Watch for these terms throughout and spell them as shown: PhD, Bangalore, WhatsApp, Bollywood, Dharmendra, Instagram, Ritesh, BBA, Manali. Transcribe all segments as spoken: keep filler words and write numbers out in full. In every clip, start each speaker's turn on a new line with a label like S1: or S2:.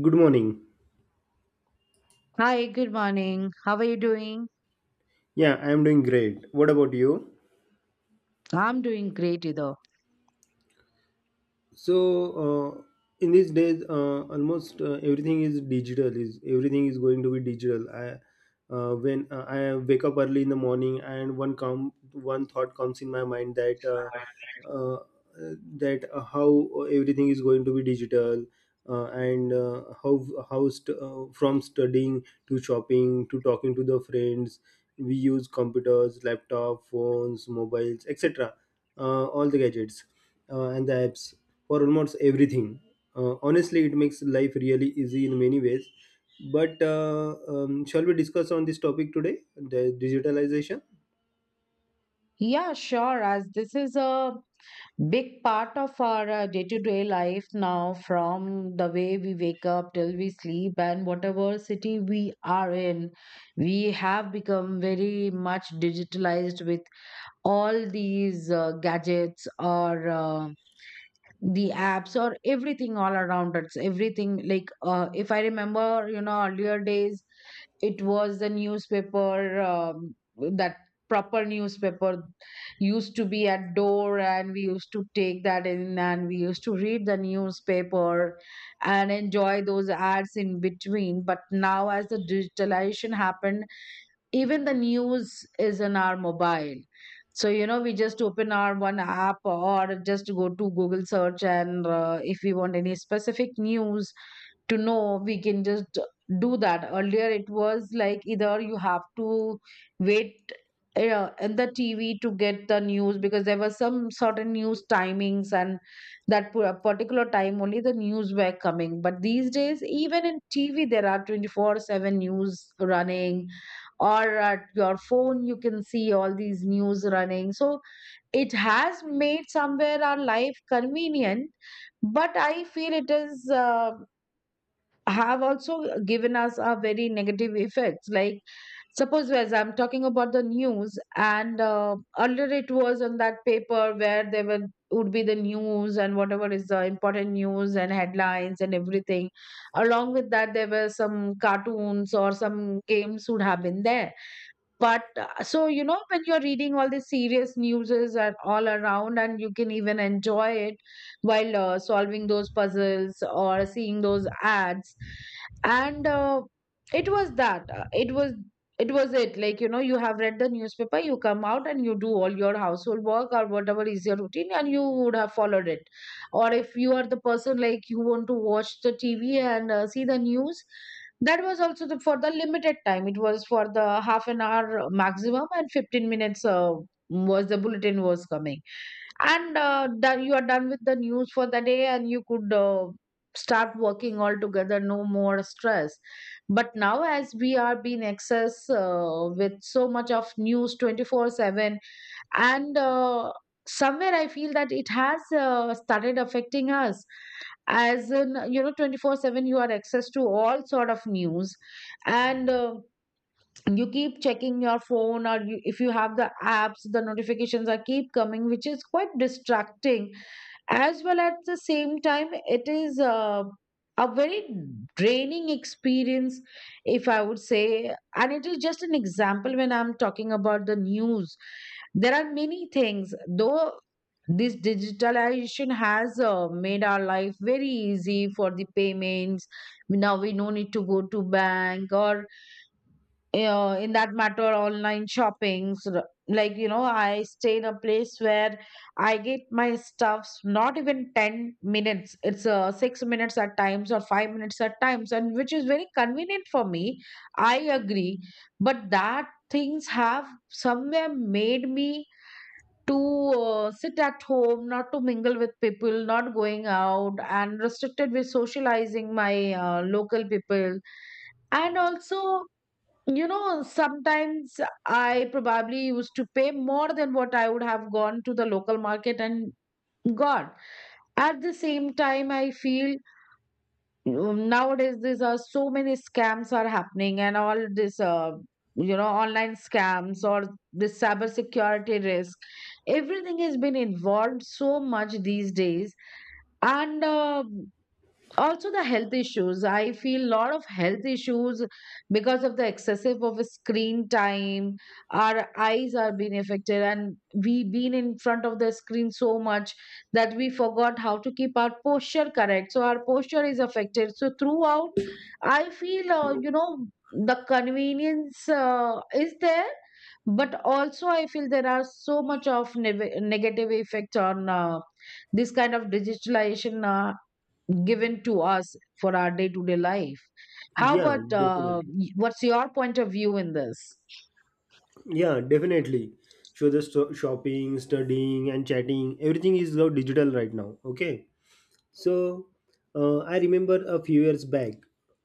S1: Good morning.
S2: Hi, good morning. How are you doing?
S1: Yeah, I am doing great. What about you?
S2: I'm doing great, either.
S1: so uh, in these days, uh, almost uh, everything is digital, is everything is going to be digital, I uh, when uh, I wake up early in the morning and one come one thought comes in my mind that uh, uh, that uh, how everything is going to be digital, uh, and uh, how how st- uh, from studying to shopping to talking to the friends. We use computers, laptop, phones, mobiles, etc., uh, all the gadgets uh, and the apps for almost everything. Uh, honestly, it makes life really easy in many ways. But uh, um, shall we discuss on this topic today, the digitalization?
S2: Yeah, sure. As this is a big part of our day to day life now, from the way we wake up till we sleep, and whatever city we are in, we have become very much digitalized with all these uh, gadgets or uh, the apps or everything all around us. Everything like, uh, if I remember, you know, earlier days. It was the newspaper, um, that proper newspaper used to be at door, and we used to take that in and we used to read the newspaper and enjoy those ads in between. But now, as the digitalization happened, even the news is in our mobile. So you know we just open our one app or just go to Google search, and uh, if we want any specific news to know, we can just do that. Earlier it was like, either you have to wait uh, in the TV to get the news, because there were some certain news timings, and that pu- particular time only the news were coming. But these days, even in TV there are twenty four seven news running, or at your phone you can see all these news running. So it has made somewhere our life convenient, but I feel it is uh, have also given us a very negative effects. Like suppose, as I'm talking about the news, and uh, earlier it was on that paper where there were would be the news, and whatever is the important news and headlines and everything, along with that there were some cartoons or some games would have been there. But uh, so, you know when you're reading all the serious newses and all around, and you can even enjoy it while uh, solving those puzzles or seeing those ads. And uh, it was that uh, it was it was it like you know you have read the newspaper, you come out, and you do all your household work or whatever is your routine, and you would have followed it. Or if you are the person, like, you want to watch the TV and uh, see the news. That was also the, for the limited time. It was for the half an hour maximum, and fifteen minutes uh, was the bulletin was coming. And uh, done, you are done with the news for the day, and you could uh, start working all together, no more stress. But now, as we are being access uh, with so much of news twenty four seven, and uh, somewhere I feel that it has uh, started affecting us, as in, you know twenty four seven you are access to all sort of news. And uh, you keep checking your phone, or you, if you have the apps, the notifications are keep coming, which is quite distracting as well. At the same time, it is uh, a very draining experience, if I would say. And it is just an example, when I'm talking about the news there are many things though. This digitalization has uh, made our life very easy for the payments. Now we no need to go to bank, or yeah, in that matter, online shoppings, r- like, you know, I stay in a place where I get my stuffs not even ten minutes. It's uh, six minutes at times or five minutes at times, and which is very convenient for me. I agree. But that things have somewhere made me to uh, sit at home, not to mingle with people, not going out, and restricted with socializing my uh, local people. And also, you know, sometimes I probably used to pay more than what I would have gone to the local market and got. At the same time, I feel, um, nowadays these are so many scams are happening, and all this, uh, you know, online scams or this cybersecurity risk. Everything has been involved so much these days, and uh, also the health issues, I feel a lot of health issues because of the excessive of screen time. Our eyes are being affected, and we been in front of the screen so much that we forgot how to keep our posture correct, so our posture is affected. So throughout, I feel, uh, you know the convenience uh, is there, but also I feel there are so much of neg- negative effects on uh, this kind of digitalization uh, given to us for our day to day life. How
S1: Yeah,
S2: about uh,
S1: definitely.
S2: y- what's your point of view in this?
S1: Yeah, definitely. So the sto- shopping, studying, and chatting, everything is now digital right now. Okay. So uh, I remember a few years back,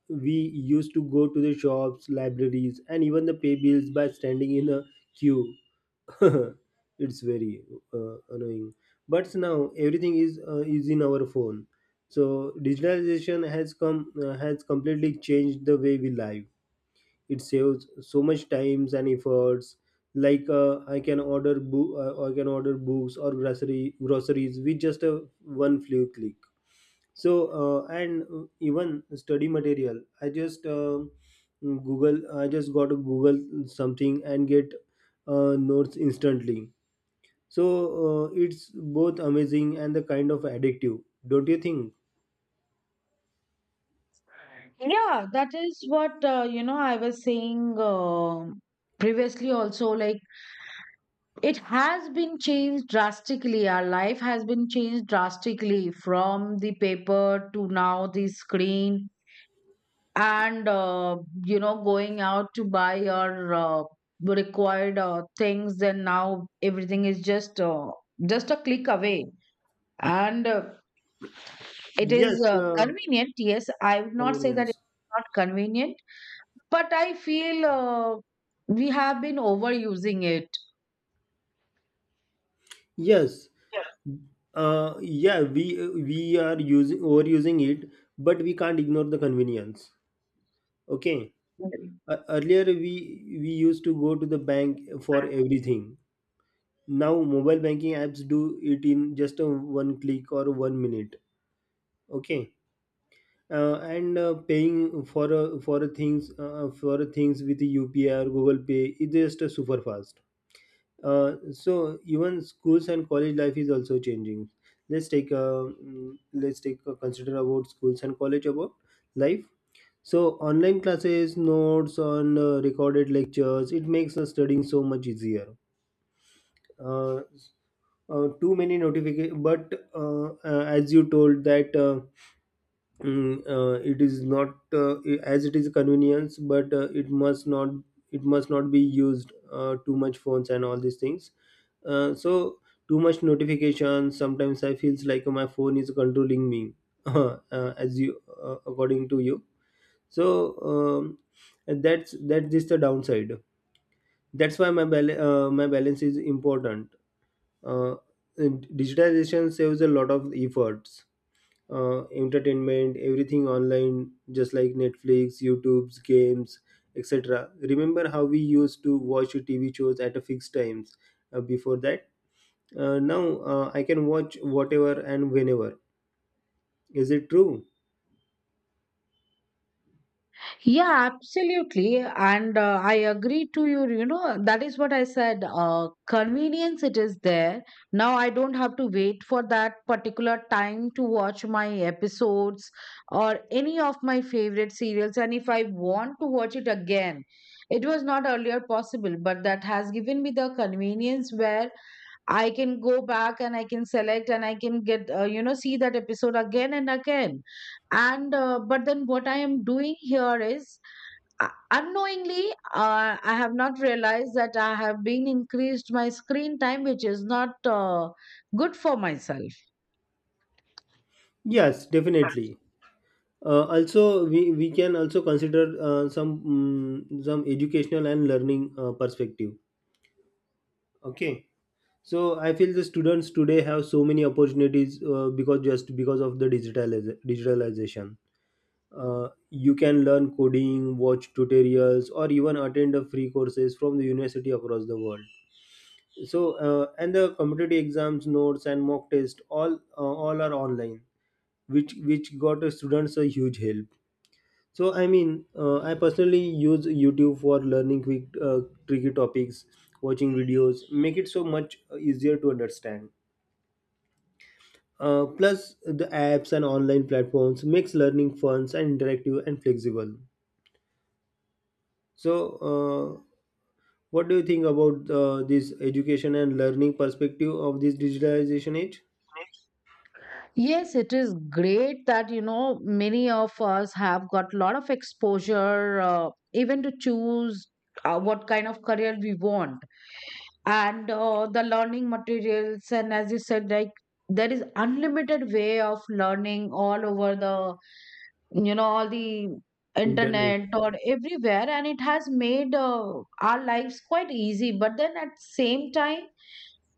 S1: we used to go to the shops, libraries, and even the pay bills by standing in a queue. It's very uh, annoying. But now everything is uh, is in our phone. So digitalization has come uh, has completely changed the way we live. It saves so much times and efforts. Like, uh, I can order bo- uh, I can order books or grocery groceries with just a one few click. So uh, and uh, even study material, i just um google I just got to Google something and get uh, notes instantly. so uh, it's both amazing and the kind of addictive. Don't you think?
S2: Yeah, that is what uh, you know. I was saying uh, previously also, like, it has been changed drastically. Our life has been changed drastically from the paper to now the screen, and uh, you know, going out to buy your uh, required uh, things. And now everything is just uh, just a click away. And uh, it is
S1: yes
S2: uh,
S1: uh,
S2: convenient. Yes, I would not say that
S1: convenience.
S2: it's not convenient, but I feel uh, we have been overusing it.
S1: yes
S2: Yeah.
S1: uh, yeah, we we are using, overusing it, but we can't ignore the convenience. Okay. Uh, earlier, we we used to go to the bank for everything. Now, mobile banking apps do it in just a one click or one minute. Okay. Uh, and uh, paying for a, for a things uh, for a things with UPI or Google Pay is just a super fast. Uh, so even schools and college life is also changing. Let's take a mm, let's take a consider about schools and college about life. So, online classes, notes on uh, recorded lectures, it makes the studying so much easier. uh, uh, Too many notification, but uh, uh, as you told that, uh, mm, uh, it is not, uh, as it is convenience, but uh, it must not, it must not be used uh, too much phones and all these things. Uh, so too much notifications, sometimes I feels like my phone is controlling me. uh, as you, uh, according to you. So um, that's that's just the downside. That's why my bal- uh, my balance is important. uh, Digitization saves a lot of efforts. Uh, entertainment, everything online, just like Netflix, YouTube's, games, etc. Remember how we used to watch TV shows at a fixed times. Uh, before that uh, Now, uh, I can watch whatever and whenever. Is it true?
S2: Yeah, absolutely. And uh, I agree to you. You know, that is what I said. Uh, convenience, it is there. Now I don't have to wait for that particular time to watch my episodes or any of my favorite serials. And if I want to watch it again, it was not earlier possible, but that has given me the convenience where I can go back and I can select and I can get, uh, you know, see that episode again and again. And, uh, but then what I am doing here is, uh, unknowingly, uh, I have not realized that I have been increased my screen time, which is not uh, good for myself.
S1: Yes, definitely. Uh, also, we, we can also consider uh, some, mm, some educational and learning uh, perspective. Okay. So I feel the students today have so many opportunities, uh, because, just because of the digitaliz- digitalization. Uh, you can learn coding, watch tutorials, or even attend a free courses from the university across the world. So uh, and the competitive exams, notes, and mock tests all uh, all are online, which which got the students a huge help. So I mean, uh, I personally use YouTube for learning quick, uh, tricky topics, watching videos, make it so much easier to understand. Uh, plus, the apps and online platforms makes learning fun and interactive and flexible. So, uh, what do you think about uh, this education and learning perspective of this digitalization age?
S2: Yes, it is great that you know many of us have got a lot of exposure, uh, even to choose uh, what kind of career we want, and uh, the learning materials. And as you said, like, there is unlimited way of learning all over the you know all the
S1: Internet.
S2: internet or everywhere, and it has made uh, our lives quite easy. But then at same time,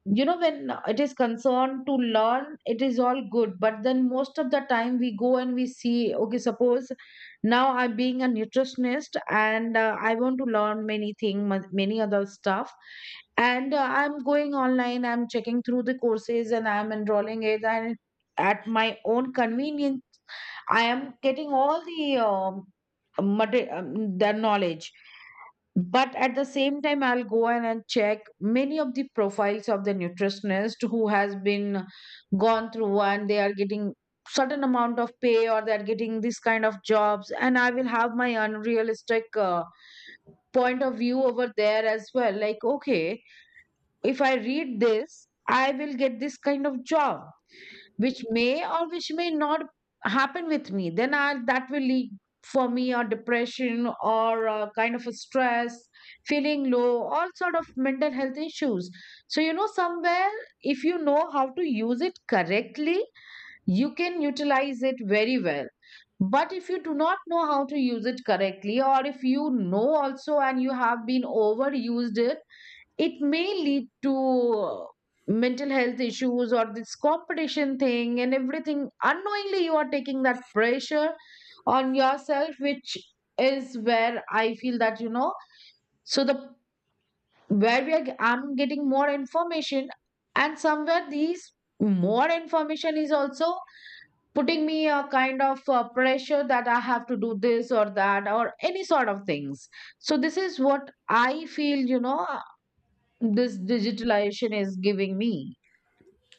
S2: you know when it is concerned to learn, it is all good, but then most of the time we go and we see, okay, suppose now I'm being a nutritionist, and uh, I want to learn many thing, mon- many other stuff. And uh, I'm going online, I'm checking through the courses, and I'm enrolling it, and at my own convenience I am getting all the um, mater- um, the knowledge. But at the same time, I'll go in and check many of the profiles of the nutritionist who has been gone through, and they are getting certain amount of pay, or they're getting this kind of jobs. And I will have my unrealistic uh, point of view over there as well, like, okay, if I read this I will get this kind of job, which may or which may not happen with me. Then I, that will lead for me or depression, or uh, kind of a stress, feeling low, all sort of mental health issues. So you know somewhere, if you know how to use it correctly, you can utilize it very well. But if you do not know how to use it correctly, or if you know also and you have been overused it it may lead to mental health issues, or this competition thing. And everything, unknowingly, you are taking that pressure on yourself, which is where I feel that, you know so the where we are g- I'm getting more information. And somewhere, these more information is also putting me a kind of uh, pressure, that I have to do this or that or any sort of things. So this is what I feel, you know this digitalization is giving me.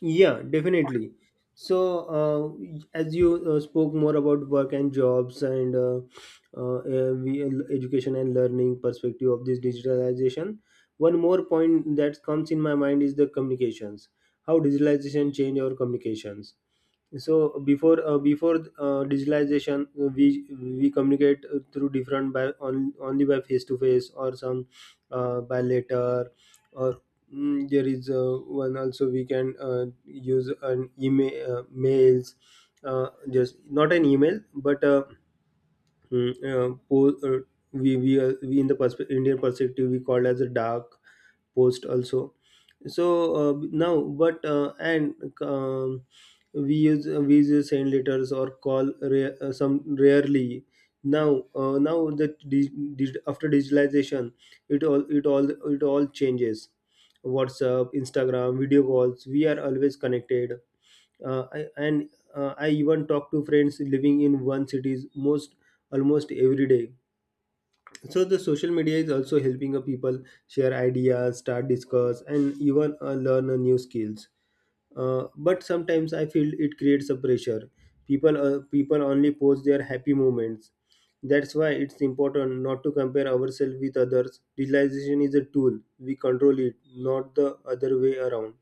S1: Yeah, definitely. So, uh, as you uh, spoke more about work and jobs, and uh, uh, uh, we- education and learning perspective of this digitalization, one more point that comes in my mind is the communications. How digitalization change our communications. So uh, before uh, before uh, digitalization, uh, we we communicate uh, through different, by on, only by face to face, or some, uh, by letter, or mm, there is uh, one. Also, we can uh, use an email, uh, mails, uh, just not an email, but uh, mm, uh, po- uh, we we, uh, we in the perspe- Indian perspective we call as a dark post also. So uh, now, but uh, and um, we use uh, we use send letters or call rare, uh, some rarely. Now uh, now the dig, dig, after digitalization, it all it all it all changes. WhatsApp, Instagram, video calls, we are always connected. uh, I, and uh, I even talk to friends living in one cities most almost every day. So the social media is also helping a people share ideas, start discuss, and even uh, learn uh, new skills. Uh, but sometimes I feel it creates a pressure. People uh, people only post their happy moments. That's why it's important not to compare ourselves with others. Digitalization is a tool, we control it, not the other way around.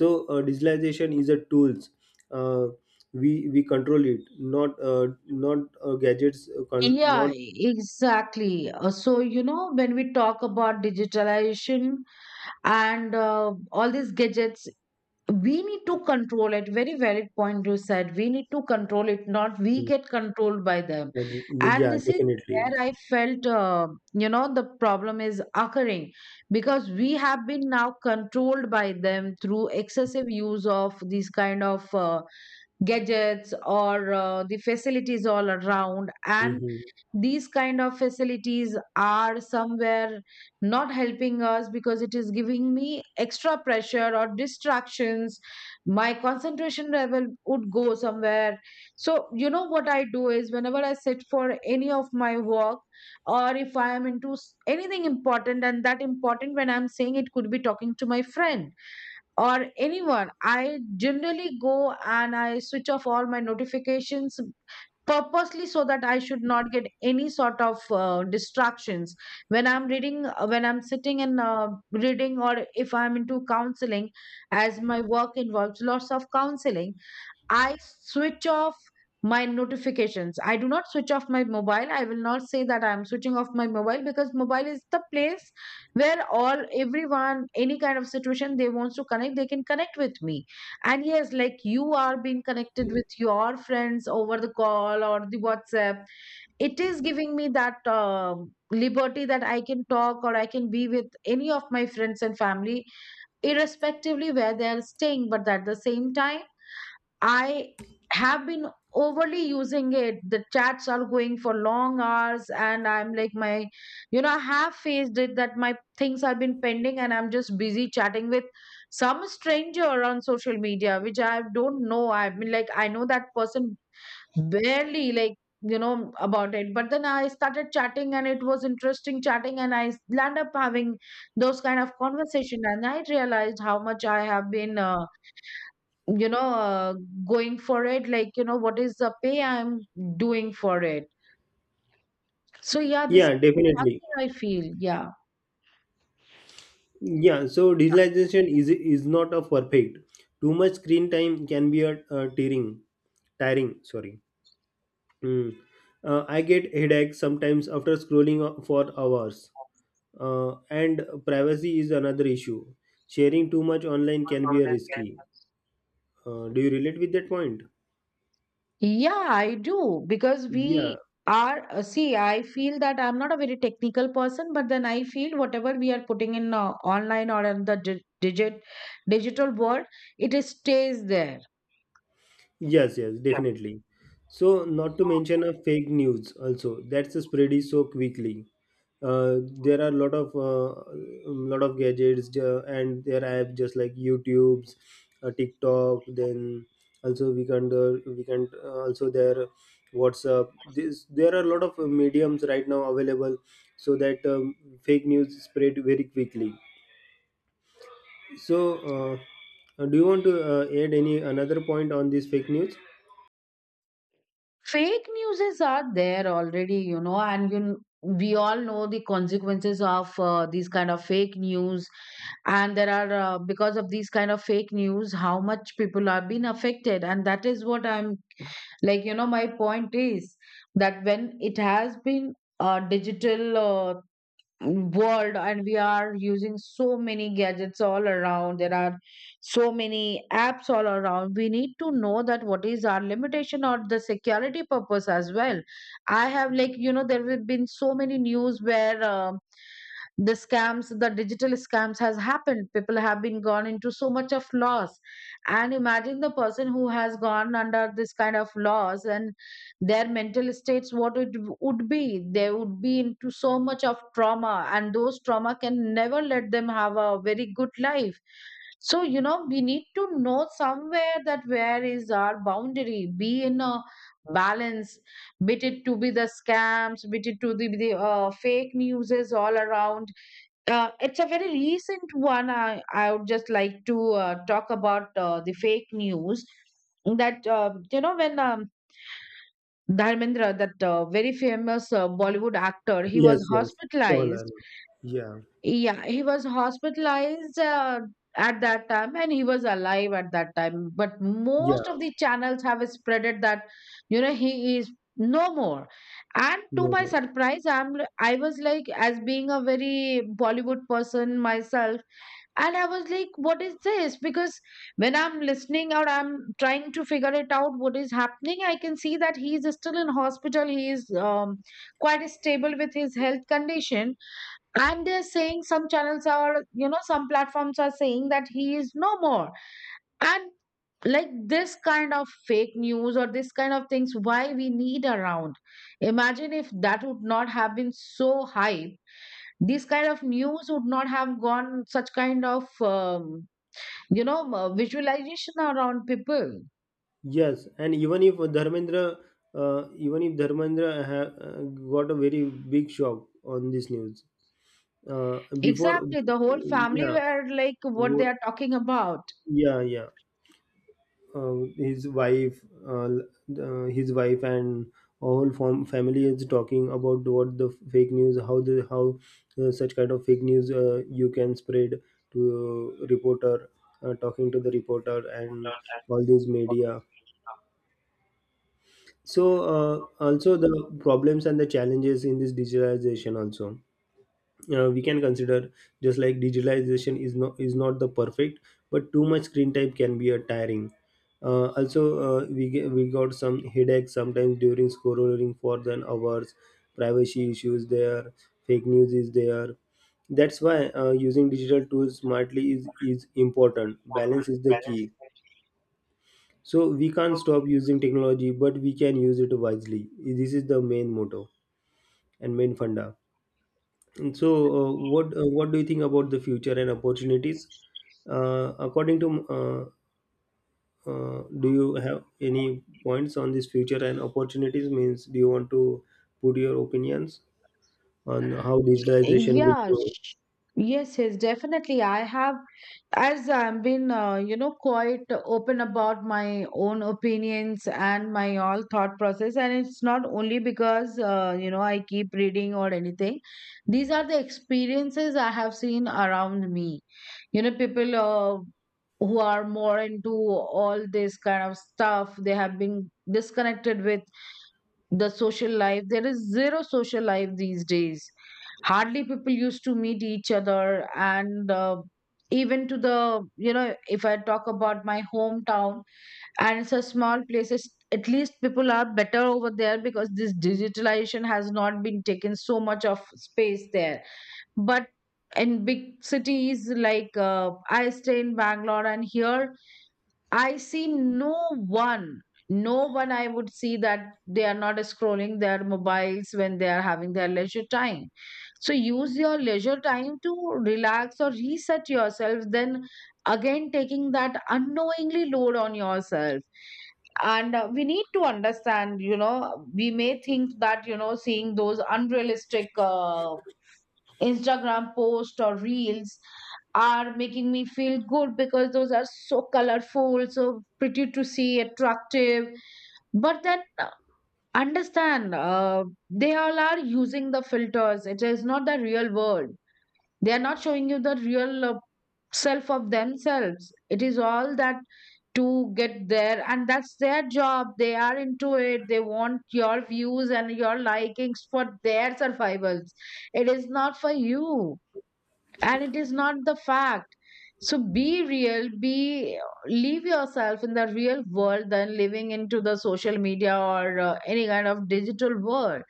S1: So uh, digitalization is a tools, uh, we we control it, not uh, not uh, gadgets, uh, con-
S2: Yeah,
S1: not.
S2: exactly. Uh, So, you know, when we talk about digitalization and uh, all these gadgets, we need to control it. Very valid point you said. We need to control it, not we get controlled by them.
S1: Uh,
S2: And
S1: Yeah,
S2: this is
S1: definitely.
S2: where I felt, uh, you know, the problem is occurring because we have been now controlled by them through excessive use of these kind of. Uh, gadgets or uh, the facilities all around. And
S1: Hmm.
S2: these kind of facilities are somewhere not helping us, because it is giving me extra pressure or distractions. My concentration level would go somewhere. So you know what I do is, whenever I sit for any of my work, or if I am into s- anything important — and that important when I'm saying, it could be talking to my friend or anyone — I generally go and I switch off all my notifications purposely, so that I should not get any sort of uh, distractions when I'm reading, uh, when I'm sitting and uh, reading, or if I'm into counseling, as my work involves lots of counseling. I switch off my notifications. I do not switch off my mobile. I will not say that I am switching off my mobile because mobile is the place where all everyone, any kind of situation they wants to connect, they can connect with me. And yes, like you are being connected with your friends over the call or the WhatsApp. It is giving me that um liberty that I can talk or I can be with any of my friends and family, irrespectively where they are staying. But at the same time I have been overly using it. The chats are going for long hours, and I'm like, my, you know, I have faced it that my things have been pending, and I'm just busy chatting with some stranger on social media, which I don't know. I mean, like, I know that person barely, like, you know, about it. But then I started chatting, and it was interesting chatting, and I land up having those kind of conversation, and I realized how much I have been. Uh, you know uh, Going for it, like, you know, what is the pay I'm doing for it? So yeah, this is
S1: Yeah,
S2: one
S1: definitely.
S2: thing I feel. Yeah,
S1: Yeah, so digitalization is is not a perfect. Too much screen time can be a, uh tiring, tiring. Sorry. Mm. Uh, I get headache sometimes after scrolling o- for hours. Uh, and privacy is another issue. Sharing too much online can be a risky. Uh, do you relate with that point?
S2: yeah, I do, because
S1: Yeah.
S2: we are, uh, see, I feel that I'm not a very technical person, but then I feel whatever we are putting in, uh, online or in the di- digit digital world, it is stays there.
S1: Yes, yes, definitely. So, not to mention a fake news also that's spread so quickly. Uh, there are a lot of uh, um, lot of gadgets uh, and their apps, just like YouTube's, uh, TikTok. Then, also we can uh, we can uh, also their WhatsApp. This, there are a lot of uh, mediums right now available, so that um, fake news spread very quickly. So, uh, do you want to uh, add any another point on this fake news?
S2: Fake newses are there already, you know, and you, kn- we all know the consequences of uh, these kind of fake news. And there are, uh, because of these kind of fake news, how much people are being affected. And that is what I'm, like, you know, my point is that when it has been uh, digital uh, world and we are using so many gadgets all around, there are so many apps all around, we need to know that what is our limitation or the security purpose as well. I have, like, you know, there have been so many news where um, the scams, the digital scams has happened, people have been gone into so much of loss. And imagine the person who has gone under this kind of loss, and their mental states, what it would be, they would be into so much of trauma, and those trauma can never let them have a very good life. So, you know, we need to know somewhere that where is our boundary, be in a balance, bit it to be the scams, bit it to the, the uh, fake news is all around. Uh, it's a very recent one. I i would just like to uh, talk about uh, the fake news that uh, you know, when um, Dharmendra, that uh, very famous uh, Bollywood actor, he was
S1: Yes, yes, for learning.
S2: hospitalized.
S1: Yeah,
S2: Yeah, he was hospitalized uh, at that time, and he was alive at that time. But
S1: yeah.
S2: most of the channels have spreaded that, you know, he is no more. And
S1: No
S2: to my
S1: more.
S2: surprise, I'm I was like, as being a very Bollywood person myself, and I was like, what is this? Because when I'm listening or I'm trying to figure it out what is happening, I can see that he's still in hospital. He is um, quite stable with his health condition. And they're saying some channels are, you know, some platforms are saying that he is no more. And like this kind of fake news or this kind of things, why we need around? Imagine if that would not have been so hype. This kind of news would not have gone such kind of um, you know m- visualization around people,
S1: Yes, and even if Dharmendra, uh, even if Dharmendra ha- uh, got a very big shock on this news, uh, before.
S2: exactly. The whole family
S1: Yeah,
S2: were like, what they
S1: wo-
S2: are talking about?
S1: yeah, yeah, uh, his wife uh, uh, his wife and whole form family is talking about what the fake news, how the how uh, such kind of fake news uh, you can spread, to reporter, uh, talking to the reporter and all these media. So uh, also the problems and the challenges in this digitalization also, uh, we can consider. Just like, digitalization is not is not the perfect, but too much screen time can be a tiring. Uh, also, uh, we ge- we got some headaches sometimes during scrolling for than hours. Privacy issues, there. Fake news is there. That's why, uh, using digital tools smartly is is important. Balance is the key. So, we can't stop using technology, but we can use it wisely. This is the main motto and main funda. And so, uh, what uh, what do you think about the future and opportunities? Uh, according to, uh, uh, do you have any points on this future and opportunities? Means, do you want to put your opinions on how digitalization will
S2: yeah
S1: go?
S2: sh- yes, yes, definitely I have. As I've been uh, you know, quite open about my own opinions and my all thought process, and it's not only because uh, you know, I keep reading or anything. These are the experiences I have seen around me. You know, people uh, who are more into all this kind of stuff, they have been disconnected with the social life. There is zero social life these days. Hardly people used to meet each other. And uh, even to the, you know, if I talk about my hometown, and it's a small place, it's, at least people are better over there, because this digitalization has not been taken so much of space there. But in big cities, like uh, I stay in Bangalore, and here I see no one. no one I would see that they are not scrolling their mobiles when they are having their leisure time. So use your leisure time to relax or reset yourself, then again taking that unknowingly load on yourself. And uh, we need to understand, you know, we may think that, you know, seeing those unrealistic uh, Instagram posts or reels are making me feel good, because those are so colorful, so pretty to see, attractive. But then uh, understand, uh, they all are using the filters. It is not the real world. They are not showing you the real uh, self of themselves. It is all that to get there, and that's their job. They are into it. They want your views and your likings for their survivals. It is not for you, and it is not the fact. So be real, be, leave yourself in the real world than living into the social media or uh, any kind of digital world.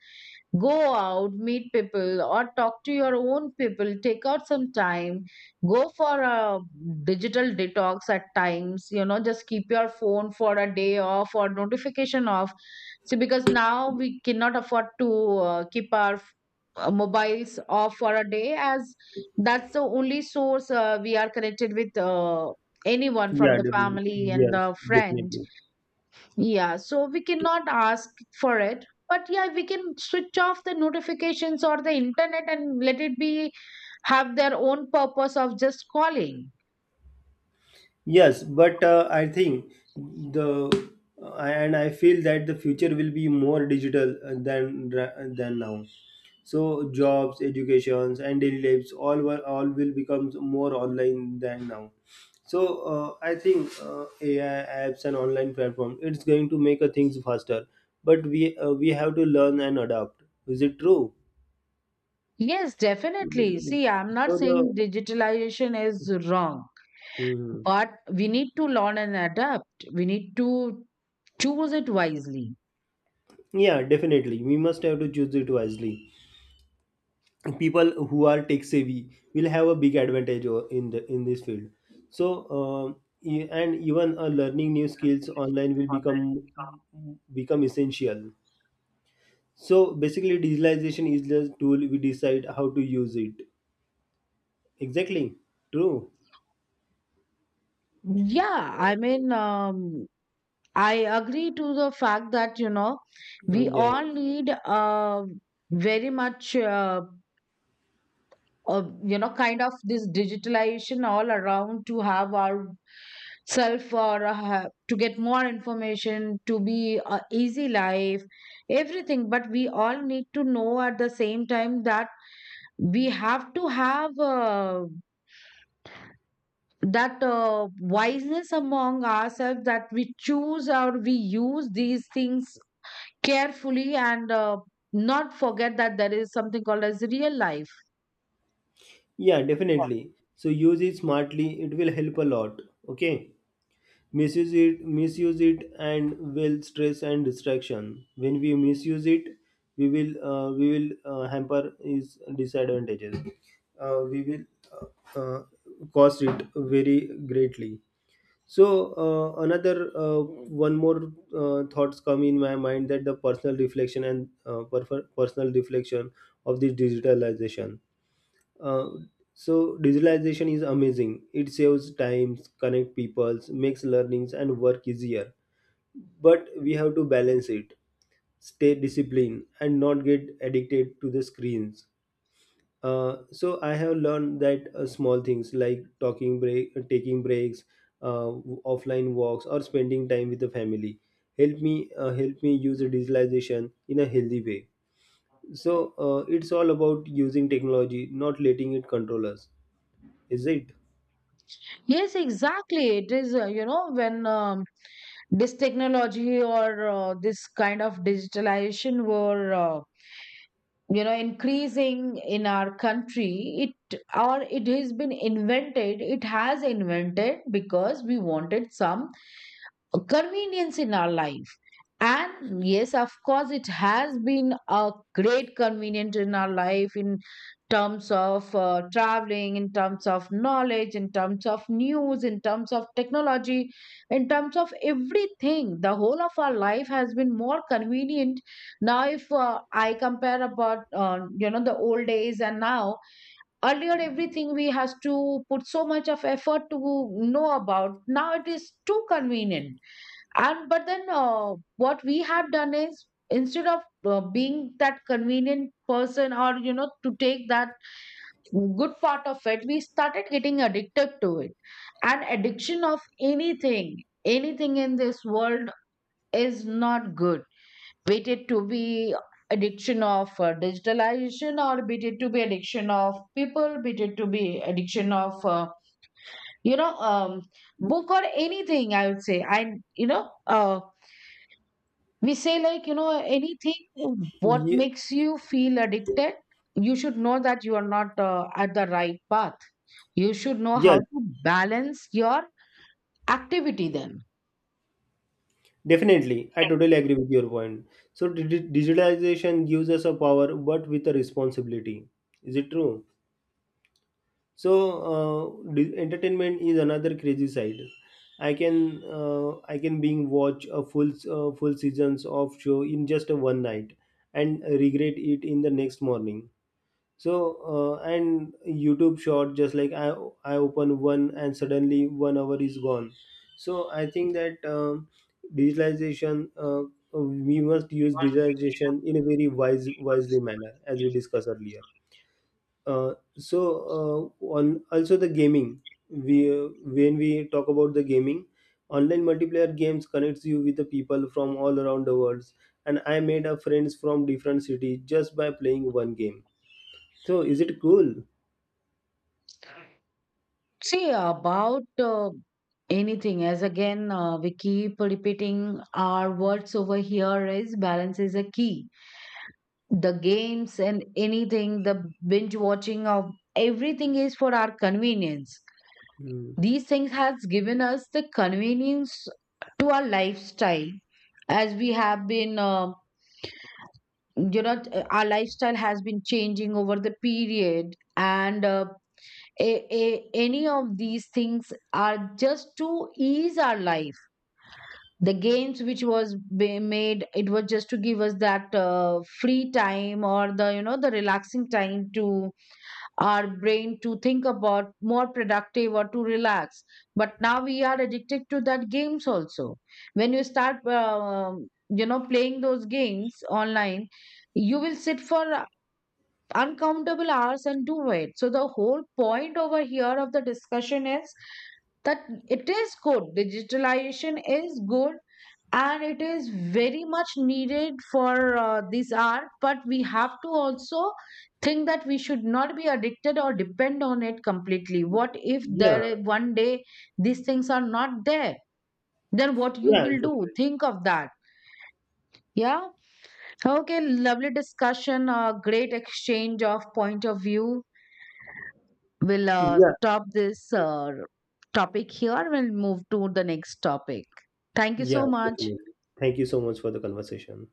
S2: Go out, meet people, or talk to your own people. Take out some time. Go for a digital detox at times. You know, just keep your phone for a day off or notification off. See, because now we cannot afford to uh, keep our uh, mobiles off for a day, as that's the only source uh, we are connected with uh, anyone from
S1: Yeah,
S2: the
S1: definitely.
S2: family and
S1: Yes,
S2: the friend.
S1: definitely.
S2: Yeah, so we cannot ask for it. But yeah, we can switch off the notifications or the internet and let it be, have their own purpose of just calling.
S1: Yes, but uh, I think the uh, and I feel that the future will be more digital, uh, than ra- than now. So, jobs, educations, and daily lives all were all will become more online than now. So uh, I think uh, A I apps and online platform, it's going to make uh, things faster, but we uh, we have to learn and adapt. Is it true?
S2: Yes, definitely. See, I'm not
S1: So the.
S2: saying digitalization is wrong,
S1: Mhm.
S2: but we need to learn and adapt. We need to choose it wisely.
S1: Yeah, definitely, we must have to choose it wisely. People who are tech savvy will have a big advantage, o- in the in this field. So um, e- and even uh, learning new skills online will become become essential. So, basically, digitalization is the tool, we decide how to use it. Exactly. True.
S2: Yeah, I mean, um, I agree to the fact that, you know,
S1: Uh,
S2: we
S1: yeah, yeah,
S2: all need uh, very much. Uh, uh, you know, kind of this digitalization all around to have our self or uh, to get more information, to be a easy life, everything. But we all need to know at the same time that we have to have uh, that uh, wiseness among ourselves, that we choose or we use these things carefully, and uh, not forget that there is something called as real life.
S1: yeah, definitely, so use it smartly, it will help a lot. Okay. Misuse it misuse it, and will stress and distraction when we misuse it. We will uh, we will uh, hamper its disadvantages. Uh, we will uh, uh, cost it very greatly. So uh, another, uh, one more, uh, thoughts come in my mind, that the personal reflection and uh, perf- personal reflection of this digitalization. Uh, so digitalization is amazing. It saves times, connect peoples, makes learnings and work easier. But we have to balance it, stay disciplined, and not get addicted to the screens. Uh, so I have learned that, uh, small things like talking break, taking breaks, uh, w- offline walks, or spending time with the family, help me uh, help me use the digitalization in a healthy way. So uh, it's all about using technology, not letting it control us. Is it?
S2: Yes, exactly. It is, uh, you know, when um, this technology or uh, this kind of digitalization were uh, you know, increasing in our country, it, or it has been invented, it has invented because we wanted some convenience in our life. And yes, of course, it has been a great convenience in our life, in terms of uh, traveling, in terms of knowledge, in terms of news, in terms of technology, in terms of everything, the whole of our life has been more convenient. Now, if uh, I compare about um, you know, the old days and now, earlier everything we has to put so much of effort to know about. Now it is too convenient. And but then uh, what we have done is instead of uh, being that convenient person, or you know, to take that good part of it, we started getting addicted to it. And addiction of anything, anything in this world is not good, be it to be addiction of uh, digitalization, or be it to be addiction of people, be it to be addiction of uh, you know, um, book or anything, I would say. And you know, uh, we say, like, you know, anything, what
S1: Ye-
S2: makes you feel addicted, you should know that you are not uh, at the right path. You should know
S1: Yeah,
S2: how to balance your activity then.
S1: definitely. I totally agree with your point. So, di- di- digitalization gives us a power, but with a responsibility. Is it true? So uh, di- entertainment is another crazy side. I can uh, I can being watch a full uh, full seasons of show in just a one night and regret it in the next morning. so uh, and YouTube short, just like i i open one and suddenly one hour is gone. So I think that, um, digitalization, uh, we must use digitalization in a very wise wisely manner as we discussed earlier. Uh, so uh, on also the gaming, we uh, when we talk about the gaming, online multiplayer games connects you with the people from all around the world. And I made a friends from different cities just by playing one game. So, is it cool?
S2: See, about uh, anything, as again, uh, we keep repeating our words over here, is balance is a key. The games and anything, the binge watching of everything is for our convenience.
S1: Mm.
S2: These things has given us the convenience to our lifestyle, as we have been, uh, you know, our lifestyle has been changing over the period, and uh, a, a, any of these things are just to ease our life. The games, which was ba- made, it was just to give us that uh, free time, or the, you know, the relaxing time to our brain to think about more productive, or to relax. But now we are addicted to that games also. When you start, um, you know, playing those games online, you will sit for uncountable hours and do it. So the whole point over here of the discussion is that it is good. Digitalization is good, and it is very much needed for uh, this hour. But we have to also think that we should not be addicted or depend on it completely. What if
S1: Yeah,
S2: there one day these things are not there? Then what you
S1: yeah,
S2: will do?
S1: definitely.
S2: Think of that. Yeah. Okay. Lovely discussion. Uh, great exchange of point of view. We'll uh,
S1: Yeah,
S2: stop this uh, topic here. We'll move to the next topic. Thank you
S1: yeah,
S2: so much.
S1: definitely. Thank you so much for the conversation.